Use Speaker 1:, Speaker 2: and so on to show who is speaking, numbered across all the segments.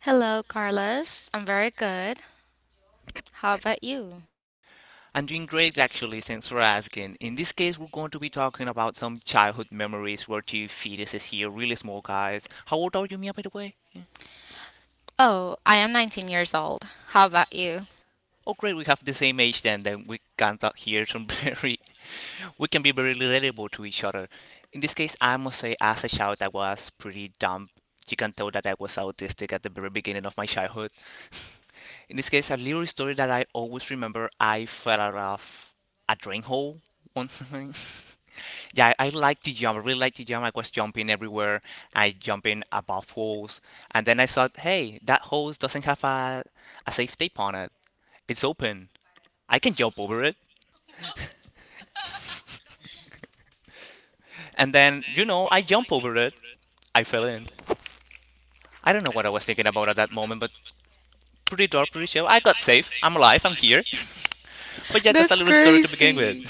Speaker 1: Hello, Carlos. I'm very good. How about you?
Speaker 2: I'm doing great actually, thanks for asking. In this case, we're going to be talking about some childhood memories. We're two fetuses here, really small guys. How old are you, Mia, by the way?
Speaker 1: Oh, I am 19 years old. How about you?
Speaker 2: Oh, great, we have the same age then, we can talk here some we can be very relatable to each other. In this case, I must say, as a child, I was pretty dumb. You can tell that I was autistic at the very beginning of my childhood. In this case, a little story that I always remember. I fell out of a drain hole one time. Yeah, I like to jump. I really like to jump. I was jumping everywhere. I jumping above holes, and then I thought, hey, that hose doesn't have a safe tape on it. It's open. I can jump over it. And then, I jump over it. I fell in. I don't know what I was thinking about at that moment, but pretty dark, pretty chill. I got safe. I'm alive. I'm here. But yeah, that's a
Speaker 1: That's
Speaker 2: little story to begin with.
Speaker 1: crazy.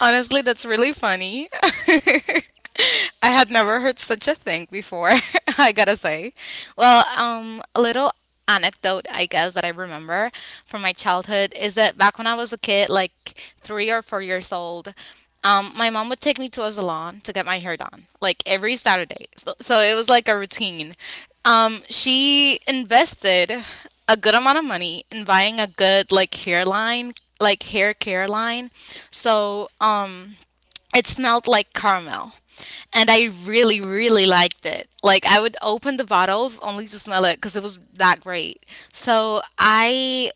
Speaker 1: Honestly, that's really funny. I had never heard such a thing before, I gotta say. Well, a little anecdote, I guess, that I remember from my childhood is that back when I was a kid, like 3 or 4 years old. My mom would take me to a salon to get my hair done, like every Saturday. So it was like a routine. She invested a good amount of money in buying a good like hair line, like hair care line. So it smelled like caramel, and I really, really liked it. Like I would open the bottles only to smell it because it was that great. So I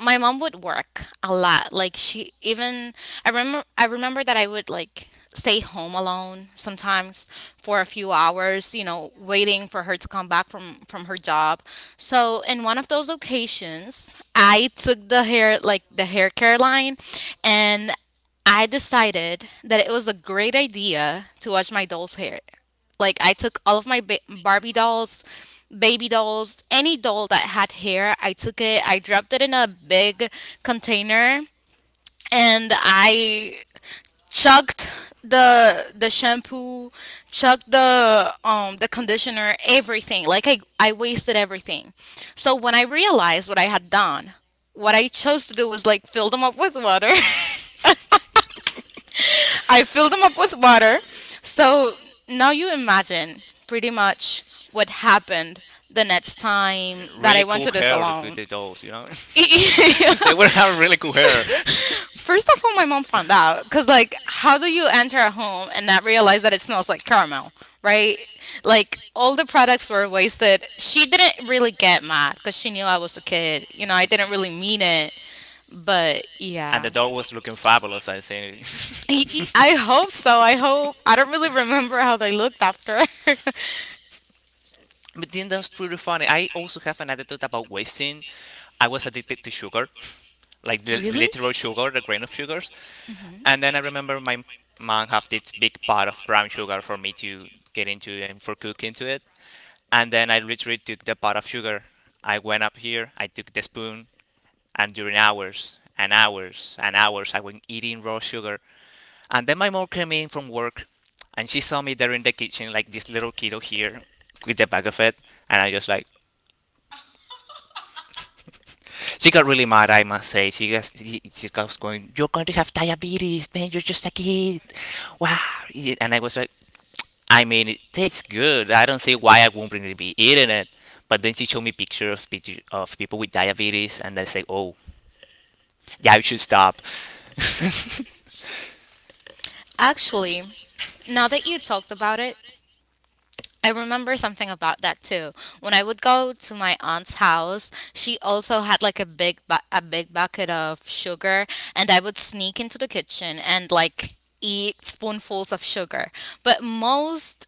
Speaker 1: my mom would work a lot. Like she even I remember that I would like stay home alone sometimes for a few hours, you know, waiting for her to come back from her job. So in one of those occasions, I took the hair care line and I decided that it was a great idea to wash my doll's hair. Like I took all of my Barbie dolls, baby dolls, any doll that had hair, I took it, I dropped it in a big container, and I chugged the shampoo, chugged the conditioner, everything. Like I wasted everything. So when I realized what I had done, what I chose to do was like fill them up with water. I filled them up with water. So now you imagine pretty much what happened the next time that
Speaker 2: Really
Speaker 1: I went
Speaker 2: cool
Speaker 1: to the
Speaker 2: hair with
Speaker 1: salon.
Speaker 2: the dolls, you know? They were having really cool hair.
Speaker 1: First of all, my mom found out because, like, how do you enter a home and not realize that it smells like caramel, right? Like, all the products were wasted. She didn't really get mad because she knew I was a kid. You know, I didn't really mean it, but
Speaker 2: And the
Speaker 1: yeah.
Speaker 2: doll was looking fabulous, I seen
Speaker 1: I I
Speaker 2: it.
Speaker 1: hope so. I hope. I don't really remember how they looked after.
Speaker 2: But then that was pretty funny. I also have an anecdote about wasting. I was addicted to sugar, like the
Speaker 1: Really?
Speaker 2: literal sugar, the grain of sugars. And then I remember my mom had this big pot of brown sugar for me to get into and for cook into it. And then I literally took the pot of sugar. I went up here, I took the spoon, and during hours and hours and hours, I went eating raw sugar and then my mom came in from work and she saw me there in the kitchen, like this little kiddo here with the bag of it. And I just like, she got really mad, I must say. She was going, "You're going to have diabetes, man. You're just a kid. Wow." And I was like, I mean, it tastes good. I don't see why I won't really be eating it. But then she showed me pictures of people with diabetes, and I say, "Oh, yeah, you should stop."
Speaker 1: Actually, now that you talked about it, I remember something about that too. When I would go to my aunt's house, she also had like a big a big bucket of sugar, and I would sneak into the kitchen and like eat spoonfuls of sugar. But most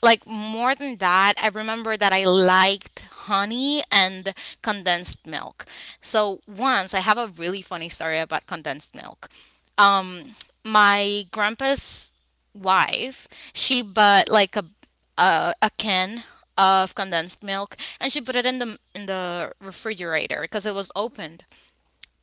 Speaker 1: like more than that, I remember that I liked honey and condensed milk. So once I have a really funny story about condensed milk. Um my grandpa's wife, she bought like a can of condensed milk and she put it in the refrigerator because it was opened.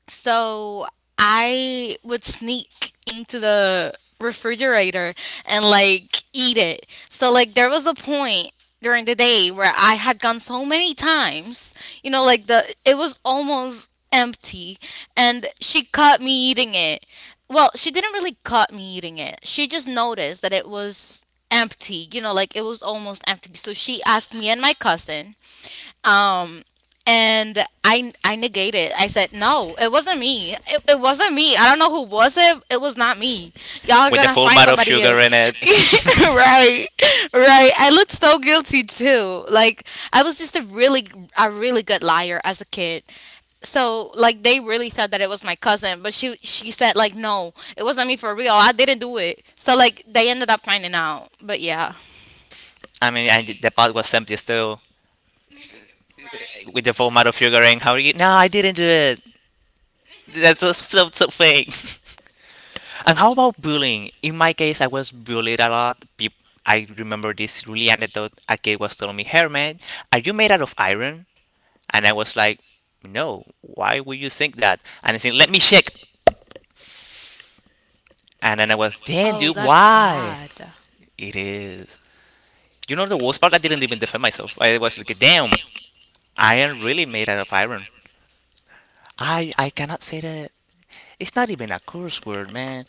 Speaker 1: So I would sneak into the refrigerator and like eat it. So like there was a point during the day where I had gone so many times, you know, like the it was almost empty and she caught me eating it. Well, she didn't really caught me eating it. She just noticed that it was empty, you know, like it was almost empty. So she asked me and my cousin, um, and I negated. I said no, it wasn't me. It wasn't me. I don't know who was it. It was not me. Y'all are
Speaker 2: With the
Speaker 1: gonna
Speaker 2: full
Speaker 1: find
Speaker 2: amount of
Speaker 1: somebody
Speaker 2: sugar
Speaker 1: else.
Speaker 2: in it.
Speaker 1: Right, right. I looked so guilty too. Like I was just a really good liar as a kid. So like they really thought that it was my cousin, but she said like no, it wasn't me for real. I didn't do it. So like they ended up finding out. But yeah.
Speaker 2: I mean, and the pot was empty still. With the format of figuring how you, "No, I didn't do it." That was so, so fake. And how about bullying? In my case, I was bullied a lot. I remember this really anecdote. A kid was telling me, "Hey, man, are you made out of iron?" And I was like, "No, why would you think that?" And he said, "Let me check." And then I was, "Damn,
Speaker 1: Oh,
Speaker 2: dude,
Speaker 1: that's
Speaker 2: why?"
Speaker 1: bad.
Speaker 2: It is. You know the worst part? I didn't even defend myself. I was like, "Damn, I am really made out of iron. I cannot say that." It's not even a curse word, man.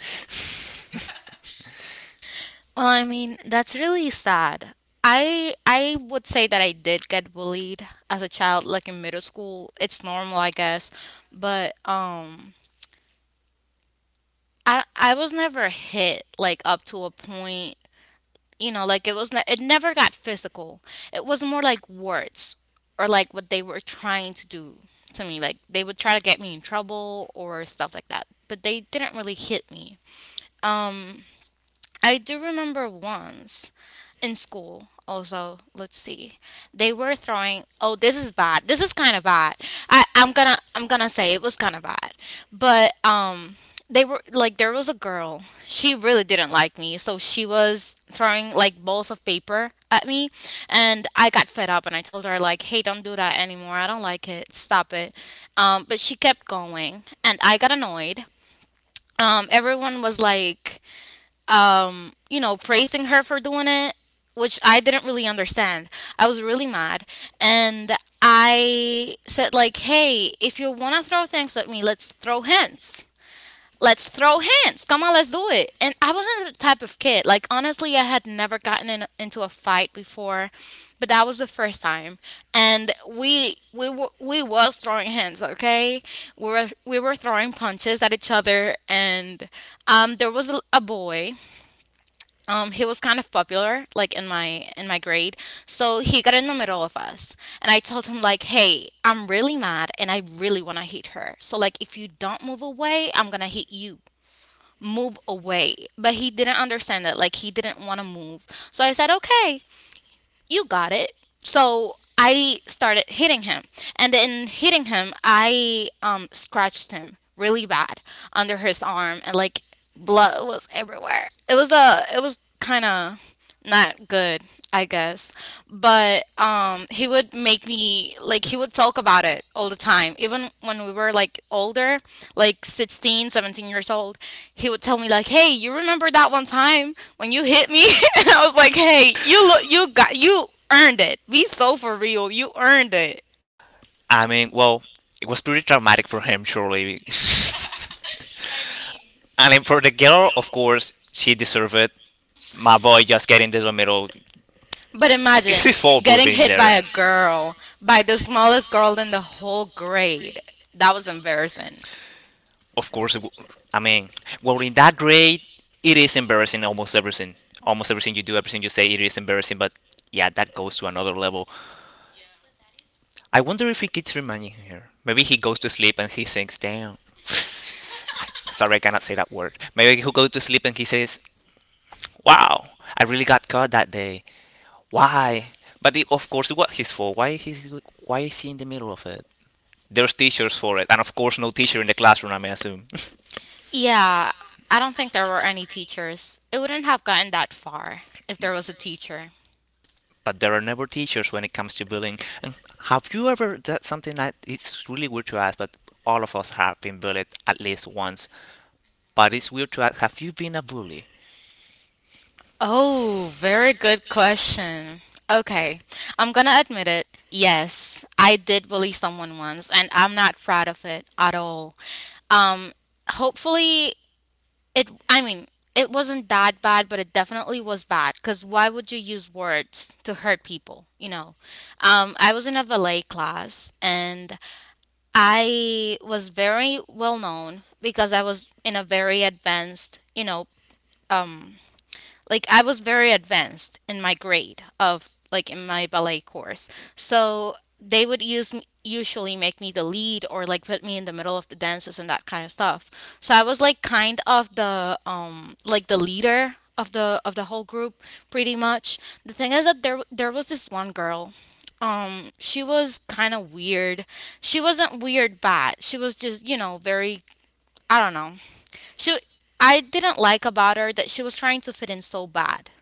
Speaker 1: Well, I mean, that's really sad. I would say that I did get bullied as a child, like in middle school. It's normal, I guess. But I was never hit like up to a point, you know, like it was it never got physical. It was more like words or like what they were trying to do to me. Like they would try to get me in trouble or stuff like that. But they didn't really hit me. Um I do remember once in school, also, let's see. They were throwing oh, this is bad. This is kind of bad. I'm going to say it was kind of bad. But they were like there was a girl. She really didn't like me. So she was throwing like balls of paper at me and I got fed up and I told her like, "Hey, don't do that anymore. I don't like it. Stop it." But she kept going and I got annoyed. Everyone was like, you know, praising her for doing it, which I didn't really understand. I was really mad. And I said, like, hey, if you want to throw things at me, let's throw hints. Let's throw hints. Come on, let's do it. And I wasn't the type of kid. Like, honestly, I had never gotten in, into a fight before, but that was the first time. And we was throwing hints, okay? We were throwing punches at each other, and there was a boy. He was kind of popular like in my grade, so he got in the middle of us, and I told him like, hey, I'm really mad and I really want to hit her, so like if you don't move away I'm gonna hit you. Move away. But he didn't understand that. Like he didn't want to move, so I said, okay, you got it. So I started hitting him. And in hitting him, I, scratched him really bad under his arm, and like blood was everywhere. It was a it was kind of not good, I guess. But he would make me like he would talk about it all the time even when we were like older, like 16, 17 years old. He would tell me like, "Hey, you remember that one time when you hit me?" And I was like, "Hey, you look, you got, you earned it. Be so for real. You earned it."
Speaker 2: I mean, well, it was pretty traumatic for him, surely. I mean, for the girl, of course, she deserved it. My boy just getting into the middle.
Speaker 1: But
Speaker 2: It's
Speaker 1: imagine
Speaker 2: his fault for
Speaker 1: getting
Speaker 2: being
Speaker 1: hit
Speaker 2: there.
Speaker 1: by a girl, by the smallest girl in the whole grade. That was embarrassing.
Speaker 2: Of course, I mean, well, in that grade, it is embarrassing almost everything. Almost everything you do, everything you say, it is embarrassing, but yeah, that goes to another level. I wonder if he keeps reminding her. Maybe he goes to sleep and he sinks down. Sorry, I cannot say that word. Maybe he goes to sleep and he says, "Wow, I really got caught that day. Why?" But it, of course, it was his fault. Why is he in the middle of it? There's teachers for it, and of course, no teacher in the classroom. I may assume,
Speaker 1: Yeah, I don't think there were any teachers. It wouldn't have gotten that far if there was a teacher.
Speaker 2: but there are never teachers when it comes to bullying. And have you ever? That's something that it's really weird to ask, but all of us have been bullied at least once. But it's weird to ask. Have you been a bully?
Speaker 1: Oh, very good question. Okay, I'm gonna admit it. Yes, I did bully someone once, and I'm not proud of it at all. Um, Hopefully, I mean, it wasn't that bad, but it definitely was bad. Because why would you use words to hurt people? You know, I was in a ballet class, and I was very well known because I was in a very advanced, you know, like I was very advanced in my grade of like in my ballet course. So they would use me, usually make me the lead or like put me in the middle of the dances and that kind of stuff. So I was like kind of the like the leader of the whole group pretty much. The thing is that there was this one girl. She was kind of weird. She wasn't weird bad. She was just, you know, very I don't know. She, I didn't like about her that she was trying to fit in so bad.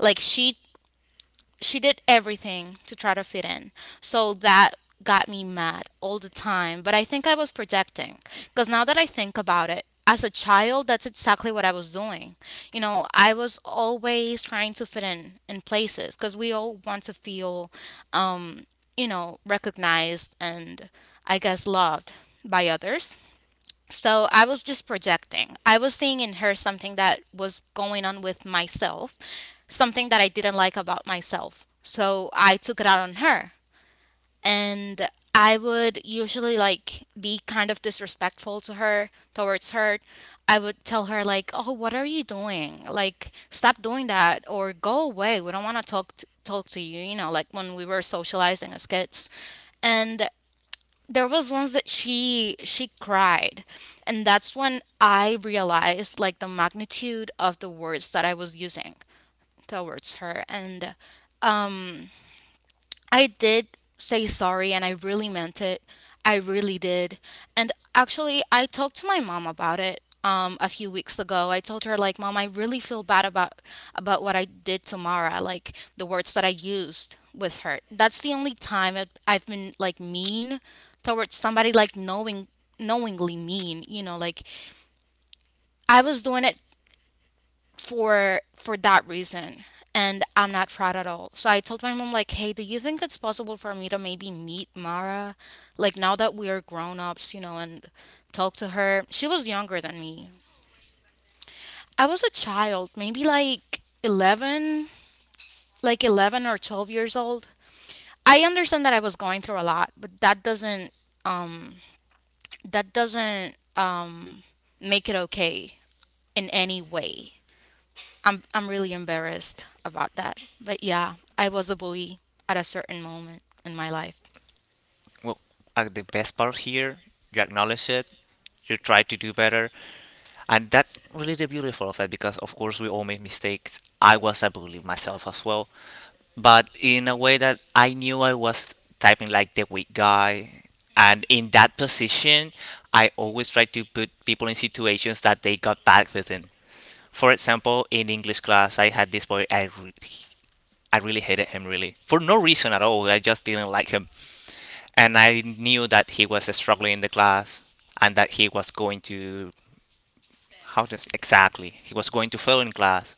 Speaker 1: Like she did everything to try to fit in. So that got me mad all the time, but I think I was projecting because now that I think about it, as a child, that's exactly what I was doing. You know, I was always trying to fit in places because we all want to feel, um, you know, recognized and I guess loved by others. So I was just projecting. I was seeing in her something that was going on with myself, something that I didn't like about myself. So I took it out on her. And I would usually like be kind of disrespectful to her, towards her. I would tell her like, "Oh, what are you doing? Like, stop doing that or go away. We don't want to talk to you, you know, like when we were socializing as kids." And there was once that she cried, and that's when I realized like the magnitude of the words that I was using towards her. And I did say sorry and I really meant it. I really did. And actually, I talked to my mom about it a few weeks ago. I told her like, "Mom, I really feel bad about what I did to Mara, like the words that I used with her. That's the only time I've been like mean towards somebody like knowingly mean, like I was doing it for that reason, and I'm not proud at all. So I told my mom, like, "Hey, do you think it's possible for me to maybe meet Mara, like now that we are grown-ups, and talk to her?" She was younger than me. I was a child, maybe like 11, or 12 years old. I understand that I was going through a lot, but um that doesn't make it okay in any way. I'm really embarrassed about that. But yeah, I was a bully at a certain moment in my life.
Speaker 2: Well, the best part here, you acknowledge it, you try to do better, and that's really the beautiful of it because, of course, we all make mistakes. I was a bully myself as well, but in a way that I knew I was typing like the weak guy. And in that position, I always try to put people in situations that they got back within. For example, in English class, I had this boy. I really hated him really for no reason at all. I just didn't like him and I knew that he was struggling in the class and that he was going to fail in class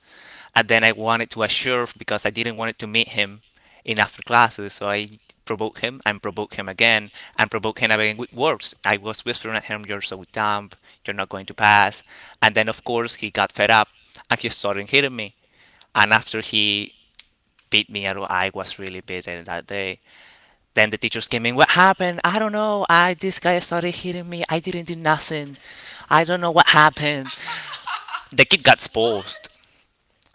Speaker 2: and then I wanted to assure because I didn't want to meet him in after classes, so I provoked him and provoked him again and provoked him again with words. I was whispering at him, "You're so dumb. You're not going to pass." And then of course he got fed up and he started hitting me, and after he beat me, I was really beaten that day. Then the teachers came in. "What happened? I don't know. I This guy started hitting me. I didn't do nothing. I don't know what happened." The kid got exposed,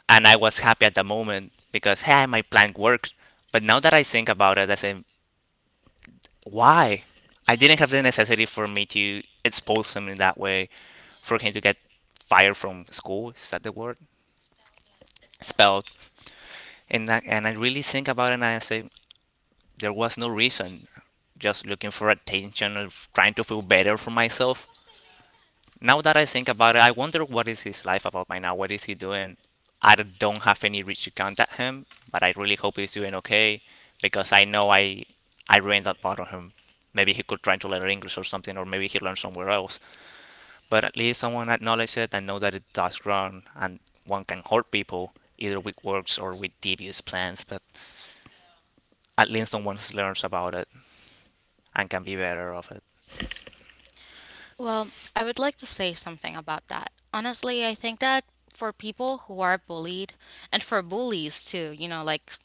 Speaker 2: and I was happy at the moment because, hey, my plan worked. But now that I think about it, I say, why? I didn't have the necessity for me to expose him in that way, for him to get fired from school. Is that the word? Spelled. And I really think about it, and I say there was no reason. Just looking for attention or trying to feel better for myself. Now that I think about it, I wonder what is his life about by now. What is he doing? I don't have any reach to contact him, but I really hope he's doing okay because I know I ruined that part of him. Maybe he could try to learn English or something, or maybe he learned somewhere else. But at least someone acknowledged it and know that it does wrong, and one can hurt people either with words or with devious plans. But at least someone learns about it and can be better of it.
Speaker 1: Well, I would like to say something about that. Honestly, I think that for people who are bullied and for bullies too, like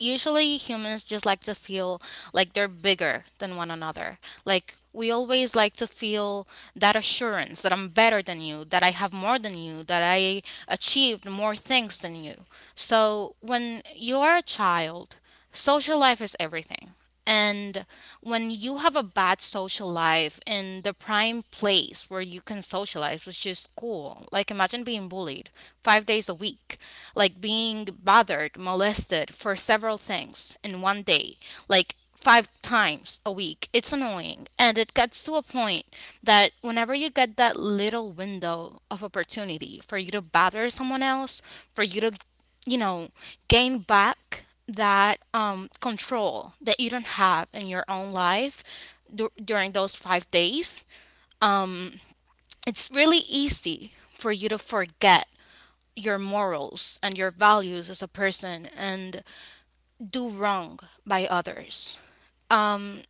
Speaker 1: usually humans just like to feel like they're bigger than one another. Like we always like to feel that assurance that I'm better than you, that I have more than you, that I achieved more things than you. So when you are a child, social life is everything. And when you have a bad social life in the prime place where you can socialize, which is school, like imagine being bullied 5 days a week, like being bothered, molested for several things in one day, like 5 times a week, it's annoying. And it gets to a point that whenever you get that little window of opportunity for you to bother someone else, for you to you know, gain back that control that you don't have in your own life during those 5 days. It's really easy for you to forget your morals and your values as a person and do wrong by others. Um,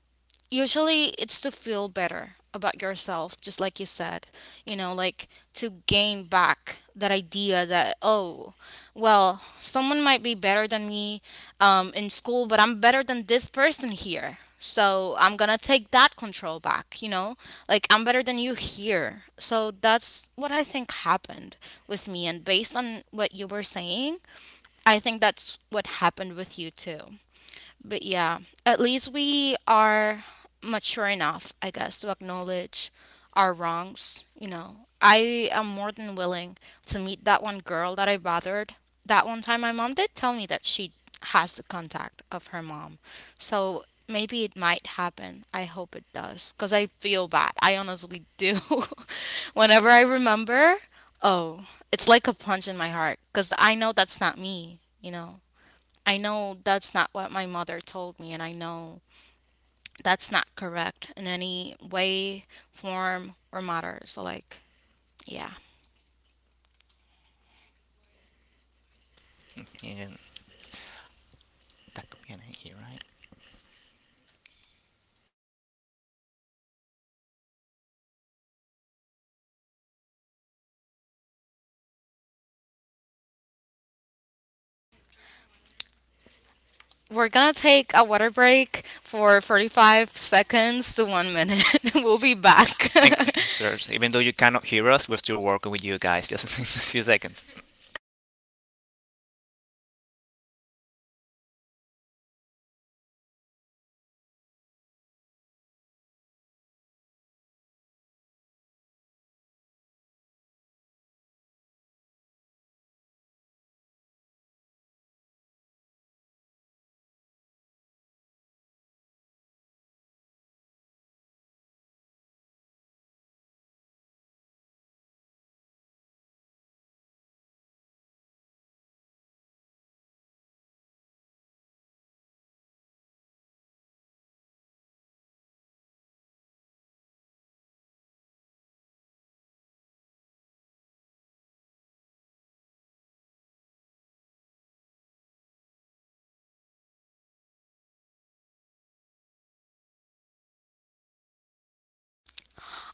Speaker 1: Usually, it's to feel better about yourself, just like you said, like to gain back that idea that, oh, well, someone might be better than me in school, but I'm better than this person here. So I'm gonna take that control back, you know? Like, I'm better than you here. So that's what I think happened with me. And based on what you were saying, I think that's what happened with you too. But yeah, at least we are mature enough, I guess, to acknowledge our wrongs. I am more than willing to meet that one girl that I bothered that one time. My mom did tell me that she has the contact of her mom. So maybe it might happen. I hope it does because I feel bad. I honestly do. Whenever I remember, oh, it's like a punch in my heart because I know that's not me, you know? I know that's not what my mother told me, and I know that's not correct in any way, form, or matter. So, like, yeah.
Speaker 2: And that could be an idea, right?
Speaker 1: We're gonna take a water break for 45 seconds to 1 minute. We'll be back.
Speaker 2: Seriously, even though you cannot hear us, we're still working with you guys just in a few seconds.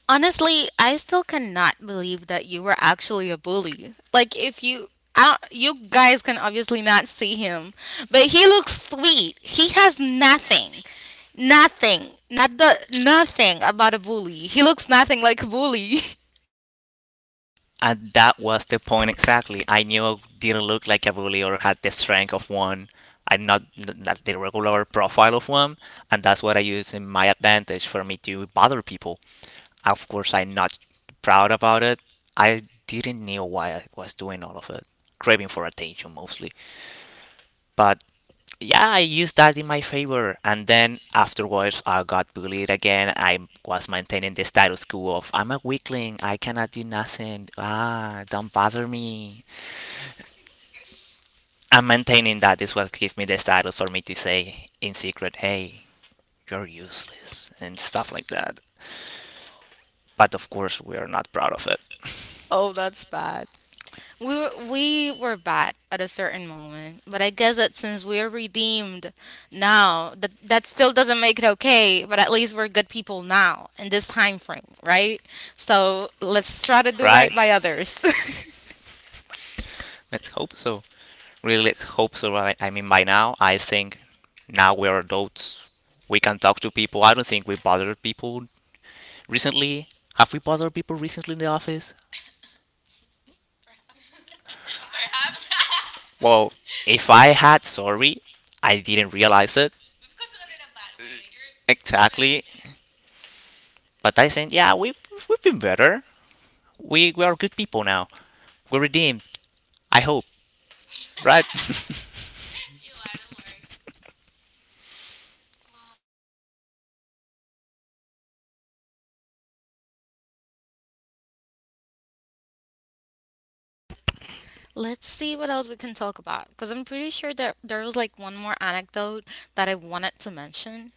Speaker 1: Honestly, I still cannot believe that you were actually a bully. Like, if you I don't, you guys can obviously not see him, but he looks sweet. He has nothing. Nothing. Not the nothing about a bully. He looks nothing like a bully.
Speaker 2: And that was the point exactly. I knew I didn't look like a bully or had the strength of one. I'm not the regular profile of one, and that's what I use in my advantage for me to bother people. Of course, I'm not proud about it. I didn't know why I was doing all of it, craving for attention mostly. But yeah, I used that in my favor. And then afterwards, I got bullied again. I was maintaining the status quo of, "I'm a weakling. I cannot do nothing. Ah, don't bother me." I'm maintaining that. This was give me the status for me to say in secret, "Hey, you're useless" and stuff like that. But of course, we are not proud of it,
Speaker 1: Oh, that's bad. We were bad at a certain moment, but I guess that since we are redeemed now, that that still doesn't make it okay. But at least we're good people now in this time frame, right? So let's try to do right
Speaker 2: right?
Speaker 1: by others.
Speaker 2: Let's hope so. Really, let's hope so. Right? I mean, by now, I think now we're adults. We can talk to people. I don't think we bother people recently. Have we bothered people recently in the office? Well, if I had, sorry, I didn't realize it. Exactly. But I said, yeah, we've been better. We are good people now. We're redeemed, I hope. Right?
Speaker 1: Let's see what else we can talk about, because I'm pretty sure that there was like one more anecdote that I wanted to mention,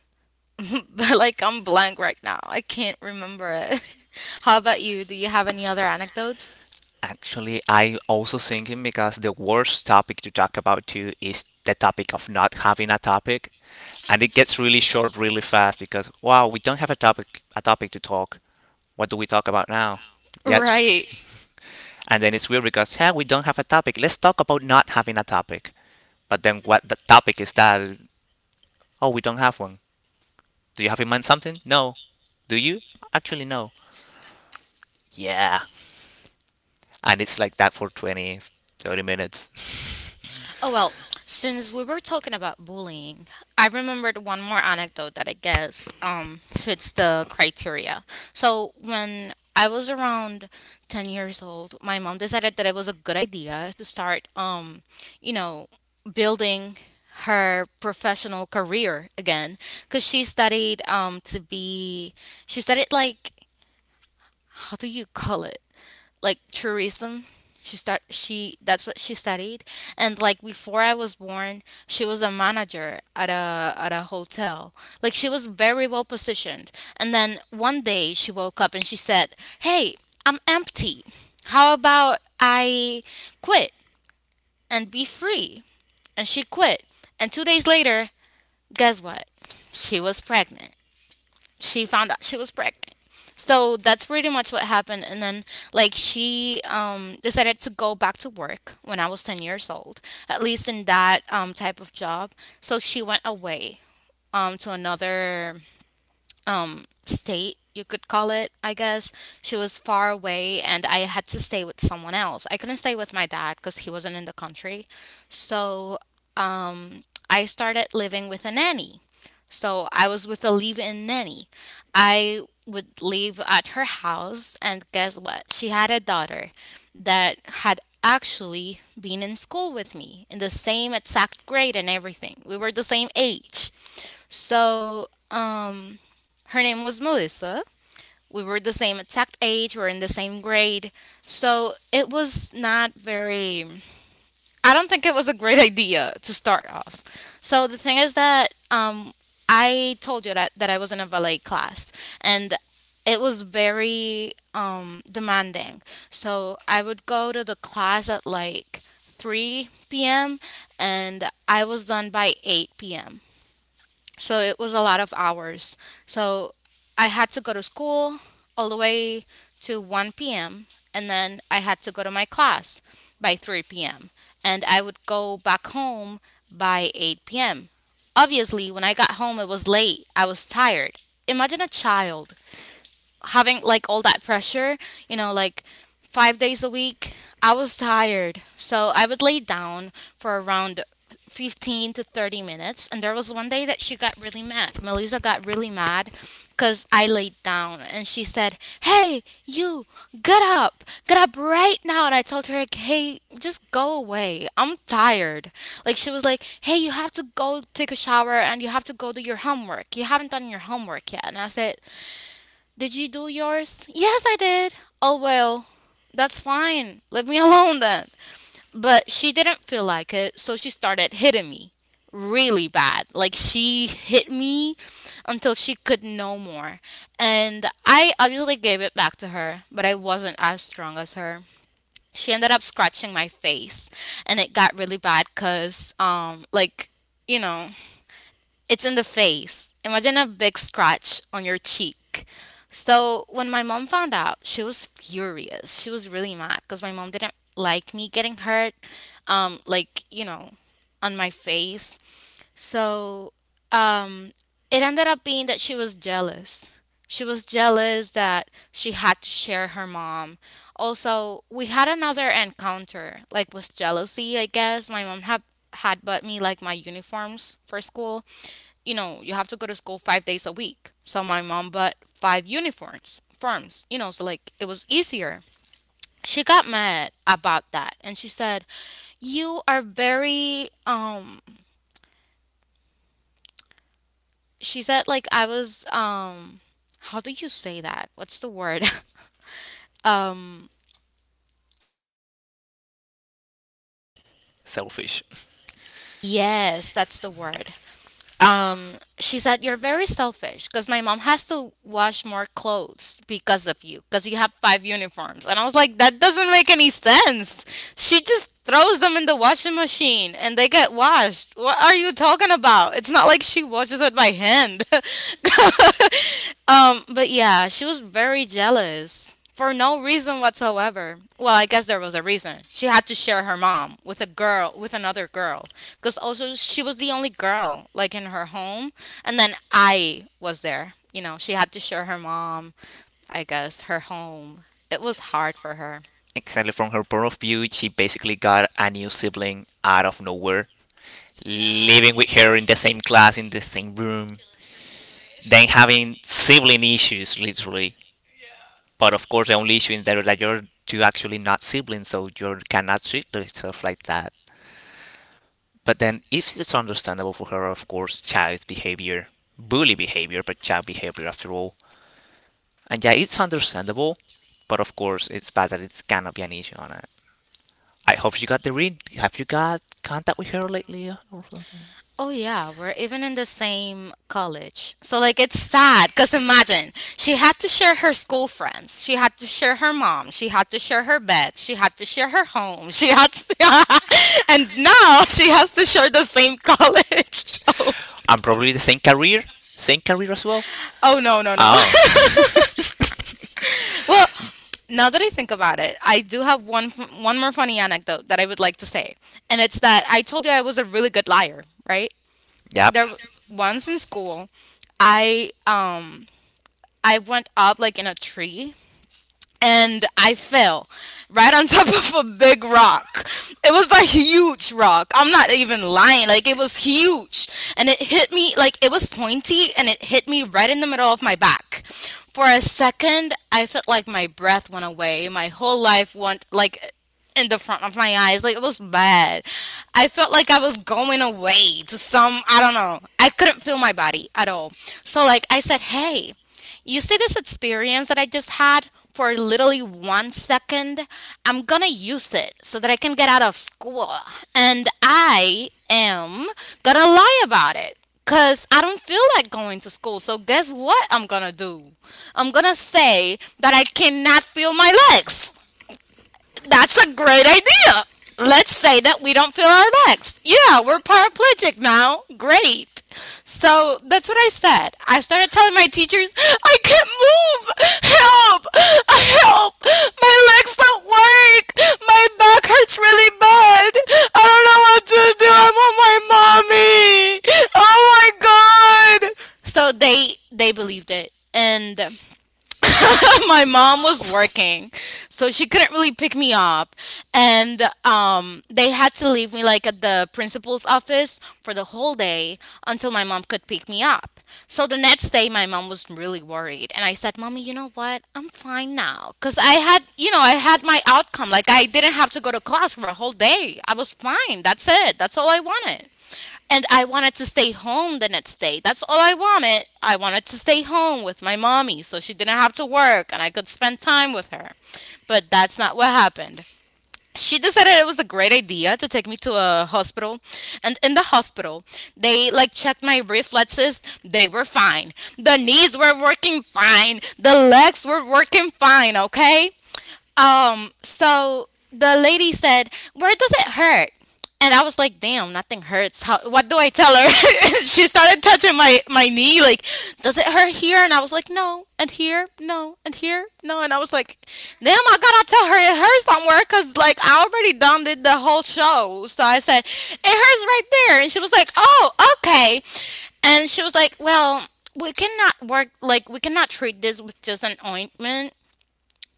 Speaker 1: but like I'm blank right now. I can't remember it. How about you? Do you have any other anecdotes?
Speaker 2: Actually, I also thinking because the worst topic to talk about too is the topic of not having a topic. And it gets really short really fast because, wow, we don't have a topic to talk. What do we talk about now? Yeah, it's.
Speaker 1: Right.
Speaker 2: And then it's weird because yeah, we don't have a topic. Let's talk about not having a topic. But then what the topic is that? Oh, we don't have one. Do you have in mind something? No. Do you? Actually, no. Yeah. And it's like that for 20, 30 minutes.
Speaker 1: Oh well, since we were talking about bullying, I remembered one more anecdote that I guess fits the criteria. So when I was around 10 years old, my mom decided that it was a good idea to start you know, building her professional career again, cuz she studied to be she studied, like, how do you call it? Like tourism. She start she That's what she studied. And like before I was born, she was a manager at a hotel. Like she was very well positioned. And then one day she woke up and she said, "Hey, I'm empty. How about I quit and be free?" And she quit. And 2 days later, guess what? She was pregnant she found out she was pregnant. So that's pretty much what happened. And then, like, she decided to go back to work when I was 10 years old, at least in that type of job. So she went away to another state, you could call it, I guess. She was far away, and I had to stay with someone else. I couldn't stay with my dad because he wasn't in the country. So um I started living with a nanny. So I was with a live-in nanny. I would live at her house, and guess what? She had a daughter that had actually been in school with me in the same exact grade and everything. We were the same age. So, her name was Melissa. We were the same exact age, we were in the same grade. So, it was not very, I don't think it was a great idea to start off. So, the thing is that, I told you that, that I was in a ballet class, and it was very demanding. So, I would go to the class at like 3 p.m. and I was done by 8 p.m. So it was a lot of hours. So I had to go to school all the way to 1 p.m., and then I had to go to my class by 3 p.m., and I would go back home by 8 p.m. Obviously, when I got home, it was late. I was tired. Imagine a child having like all that pressure, like 5 days a week. I was tired. So I would lay down for around 15 to 30 minutes. And there was one day that she got really mad. Melissa got really mad because I laid down and she said, "Hey, you, get up right now!" And I told her, like, "Hey, just go away. I'm tired." Like, she was like, "Hey, you have to go take a shower and you have to go do your homework. You haven't done your homework yet." And I said, "Did you do yours?" "Yes, I did." "Oh, well, that's fine. Leave me alone then." But she didn't feel like it, so she started hitting me really bad. Like, she hit me until she could no more. And I obviously gave it back to her, but I wasn't as strong as her. She ended up scratching my face, and it got really bad because, like, you know, it's in the face. Imagine a big scratch on your cheek. So when my mom found out, she was furious. She was really mad because my mom didn't like me getting hurt, like, on my face. So um, it ended up being that she was jealous. She was jealous that she had to share her mom. Also, we had another encounter, like with jealousy, I guess. My mom had bought me like my uniforms for school. You have to go to school 5 days a week. So my mom bought five uniforms, so like it was easier. She got mad about that and she said, "You are very, she said, like, "I was, how do you say that? What's the word?" um,
Speaker 2: Selfish.
Speaker 1: yes, that's the word. She said, "You're very selfish because my mom has to wash more clothes because of you, because you have five uniforms." And I was like, "That doesn't make any sense. She just throws them in the washing machine and they get washed. What are you talking about? It's not like she washes it by hand." But yeah, she was very jealous for no reason whatsoever. Well, I guess there was a reason. She had to share her mom with another girl, because also she was the only girl like in her home, and then I was there. She had to share her mom, I guess, her home. It was hard for her.
Speaker 2: Exactly, from her point of view, she basically got a new sibling out of nowhere, living with her in the same class, in the same room, then having sibling issues, literally. But of course, the only issue is there that you actually not siblings, so you cannot treat yourself like that. But then, if it's understandable for her, of course, child behavior, bully behavior, but child behavior after all. And yeah, it's understandable, but of course, it's bad that it cannot be an issue on it. I hope you got the read. Have you got contact with her lately, or something?
Speaker 1: Oh yeah, we're even in the same college. So like it's sad cuz imagine she had to share her school friends. She had to share her mom. She had to share her bed. She had to share her home. She had to And now she has to share the same college. Oh,
Speaker 2: I'm probably the same career as well.
Speaker 1: oh no, no, no.
Speaker 2: Oh,
Speaker 1: Well, now that I think about it, I do have one more funny anecdote that I would like to say. And it's that I told you I was a really good liar, right?
Speaker 2: yep.
Speaker 1: There once in school, I um I went up like in a tree and I fell right on top of a big rock. It was like huge rock. I'm not even lying. Like it was huge and it hit me like it was pointy and it hit me right in the middle of my back. For a second, I felt like my breath went away. My whole life went like in the front of my eyes. Like it was bad. I felt like I was going away to some I don't know. I couldn't feel my body at all. So like I said, "Hey, you see this experience that I just had for literally one second? I'm gonna use it so that I can get out of school. And I am gonna lie about it. Cause I don't feel like going to school. So guess what I'm gonna do? I'm gonna say that I cannot feel my legs. That's a great idea. Let's say that we don't feel our legs. Yeah, we're paraplegic now. Great. So that's what I said. I started telling my teachers, I can't move. Help! Help! My legs don't work. My back hurts really bad. I don't know what to do. I want my mommy. Oh my god. So they believed it, and my mom was working, so she couldn't really pick me up, and they had to leave me like at the principal's office for the whole day until my mom could pick me up. So the next day, my mom was really worried, and I said, "Mommy, you know what? I'm fine now, cause I had, you know, I had my outcome. Like I didn't have to go to class for a whole day. I was fine. That's it. That's all I wanted." And I wanted to stay home the next day. That's all I wanted. I wanted to stay home with my mommy so she didn't have to work and I could spend time with her. But that's not what happened. She decided it was a great idea to take me to a hospital. And in the hospital, they like checked my reflexes. They were fine. The knees were working fine. The legs were working fine, okay? So the lady said, "Where does it hurt?" And I was like, "Damn, nothing hurts. How, what do I tell her?" She started touching my knee, like, "Does it hurt here?" And I was like, "No." And here, no. And here, no. And I was like, "Damn, I gotta tell her it hurts somewhere, cause like I already done did the whole show." So I said, "It hurts right there," and she was like, "Oh, okay." And she was like, "Well." We cannot work like we cannot treat this with just an ointment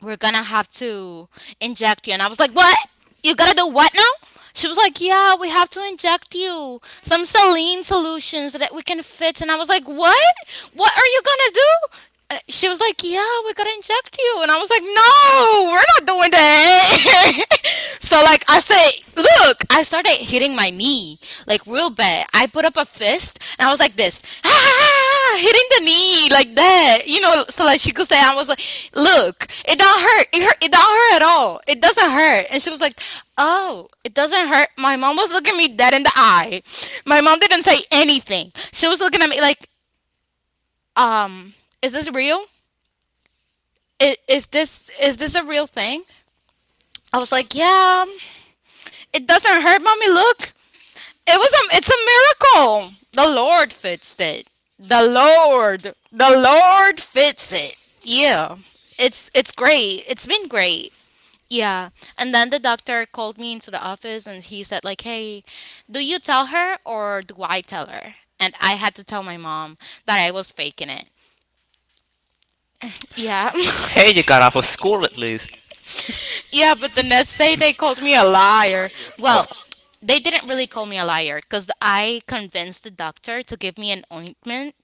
Speaker 1: we're gonna have to inject you. And I was like, what? You gotta do what now? She was like, yeah, we have to inject you some saline solution so that we can fit. And I was like, what? What are you gonna do? She was like, yeah, we gotta inject you. And I was like, no, we're not doing that. So like I say, look, I started hitting my knee like real bad. I put up a fist and I was like this, ah, hitting the knee like that, you know. So like she could say, I was like, look, it don't hurt. It hurt. It don't hurt at all. It doesn't hurt. And she was like, oh, it doesn't hurt. My mom was looking me dead in the eye. My mom didn't say anything. She was looking at me like, um, is this real? Is this a real thing? I was like, yeah, it doesn't hurt, mommy. Look, it's a miracle. The Lord fixed it. The Lord fits it. Yeah. It's great. It's been great. Yeah. And then the doctor called me into the office and he said like, "Hey, do you tell her or do I tell her?" And I had to tell my mom that I was faking it. Yeah.
Speaker 2: Hey, you got out of school at least.
Speaker 1: Yeah, but the next day they called me a liar. Well,
Speaker 2: Oh,
Speaker 1: they didn't really call me a liar because I convinced the doctor to give me an ointment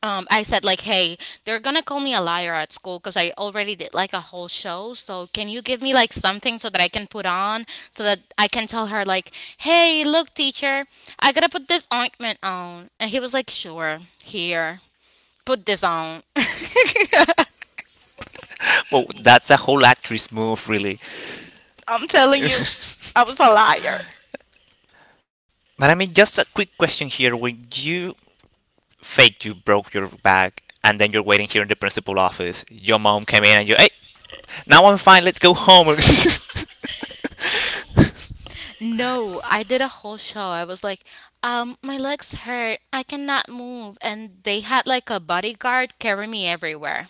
Speaker 1: I said like, "Hey, they're gonna call me a liar at school because I already did like a whole show. So can you give me like something so that I can put on, so that I can tell her like, hey, look, teacher, I gotta put this ointment on." And he was like, "Sure, here, put this on."
Speaker 2: well, that's a whole actress move, really.
Speaker 1: I'm telling you, I was a liar.
Speaker 2: But I mean, just a quick question here. When you faked you broke your back and then you're waiting here in the principal office, your mom came in and you, "Hey, now I'm fine, let's go home."
Speaker 1: No, I did a whole show. I was like, my legs hurt. I cannot move. And they had like a bodyguard carry me everywhere.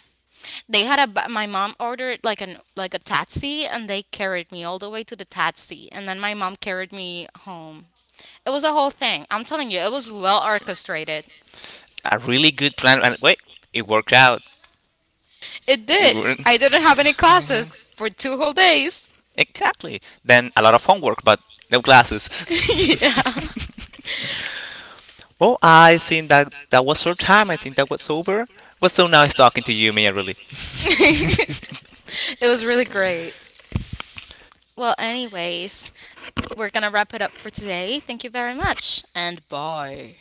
Speaker 1: They had my mom ordered like an like a taxi and they carried me all the way to the taxi and then my mom carried me home. It was a whole thing. I'm telling you, it was well orchestrated.
Speaker 2: A really good plan. And wait, it worked out.
Speaker 1: It
Speaker 2: It
Speaker 1: did. I
Speaker 2: worked.
Speaker 1: didn't have any classes for two whole days.
Speaker 2: Exactly. Then a lot of homework, but no classes.
Speaker 1: Yeah.
Speaker 2: Well, I think that that was our time. I think that was over. It was so nice talking to you, Mia, really.
Speaker 1: It was really great. Well, anyways, we're going to wrap it up for today. Thank you very much and bye.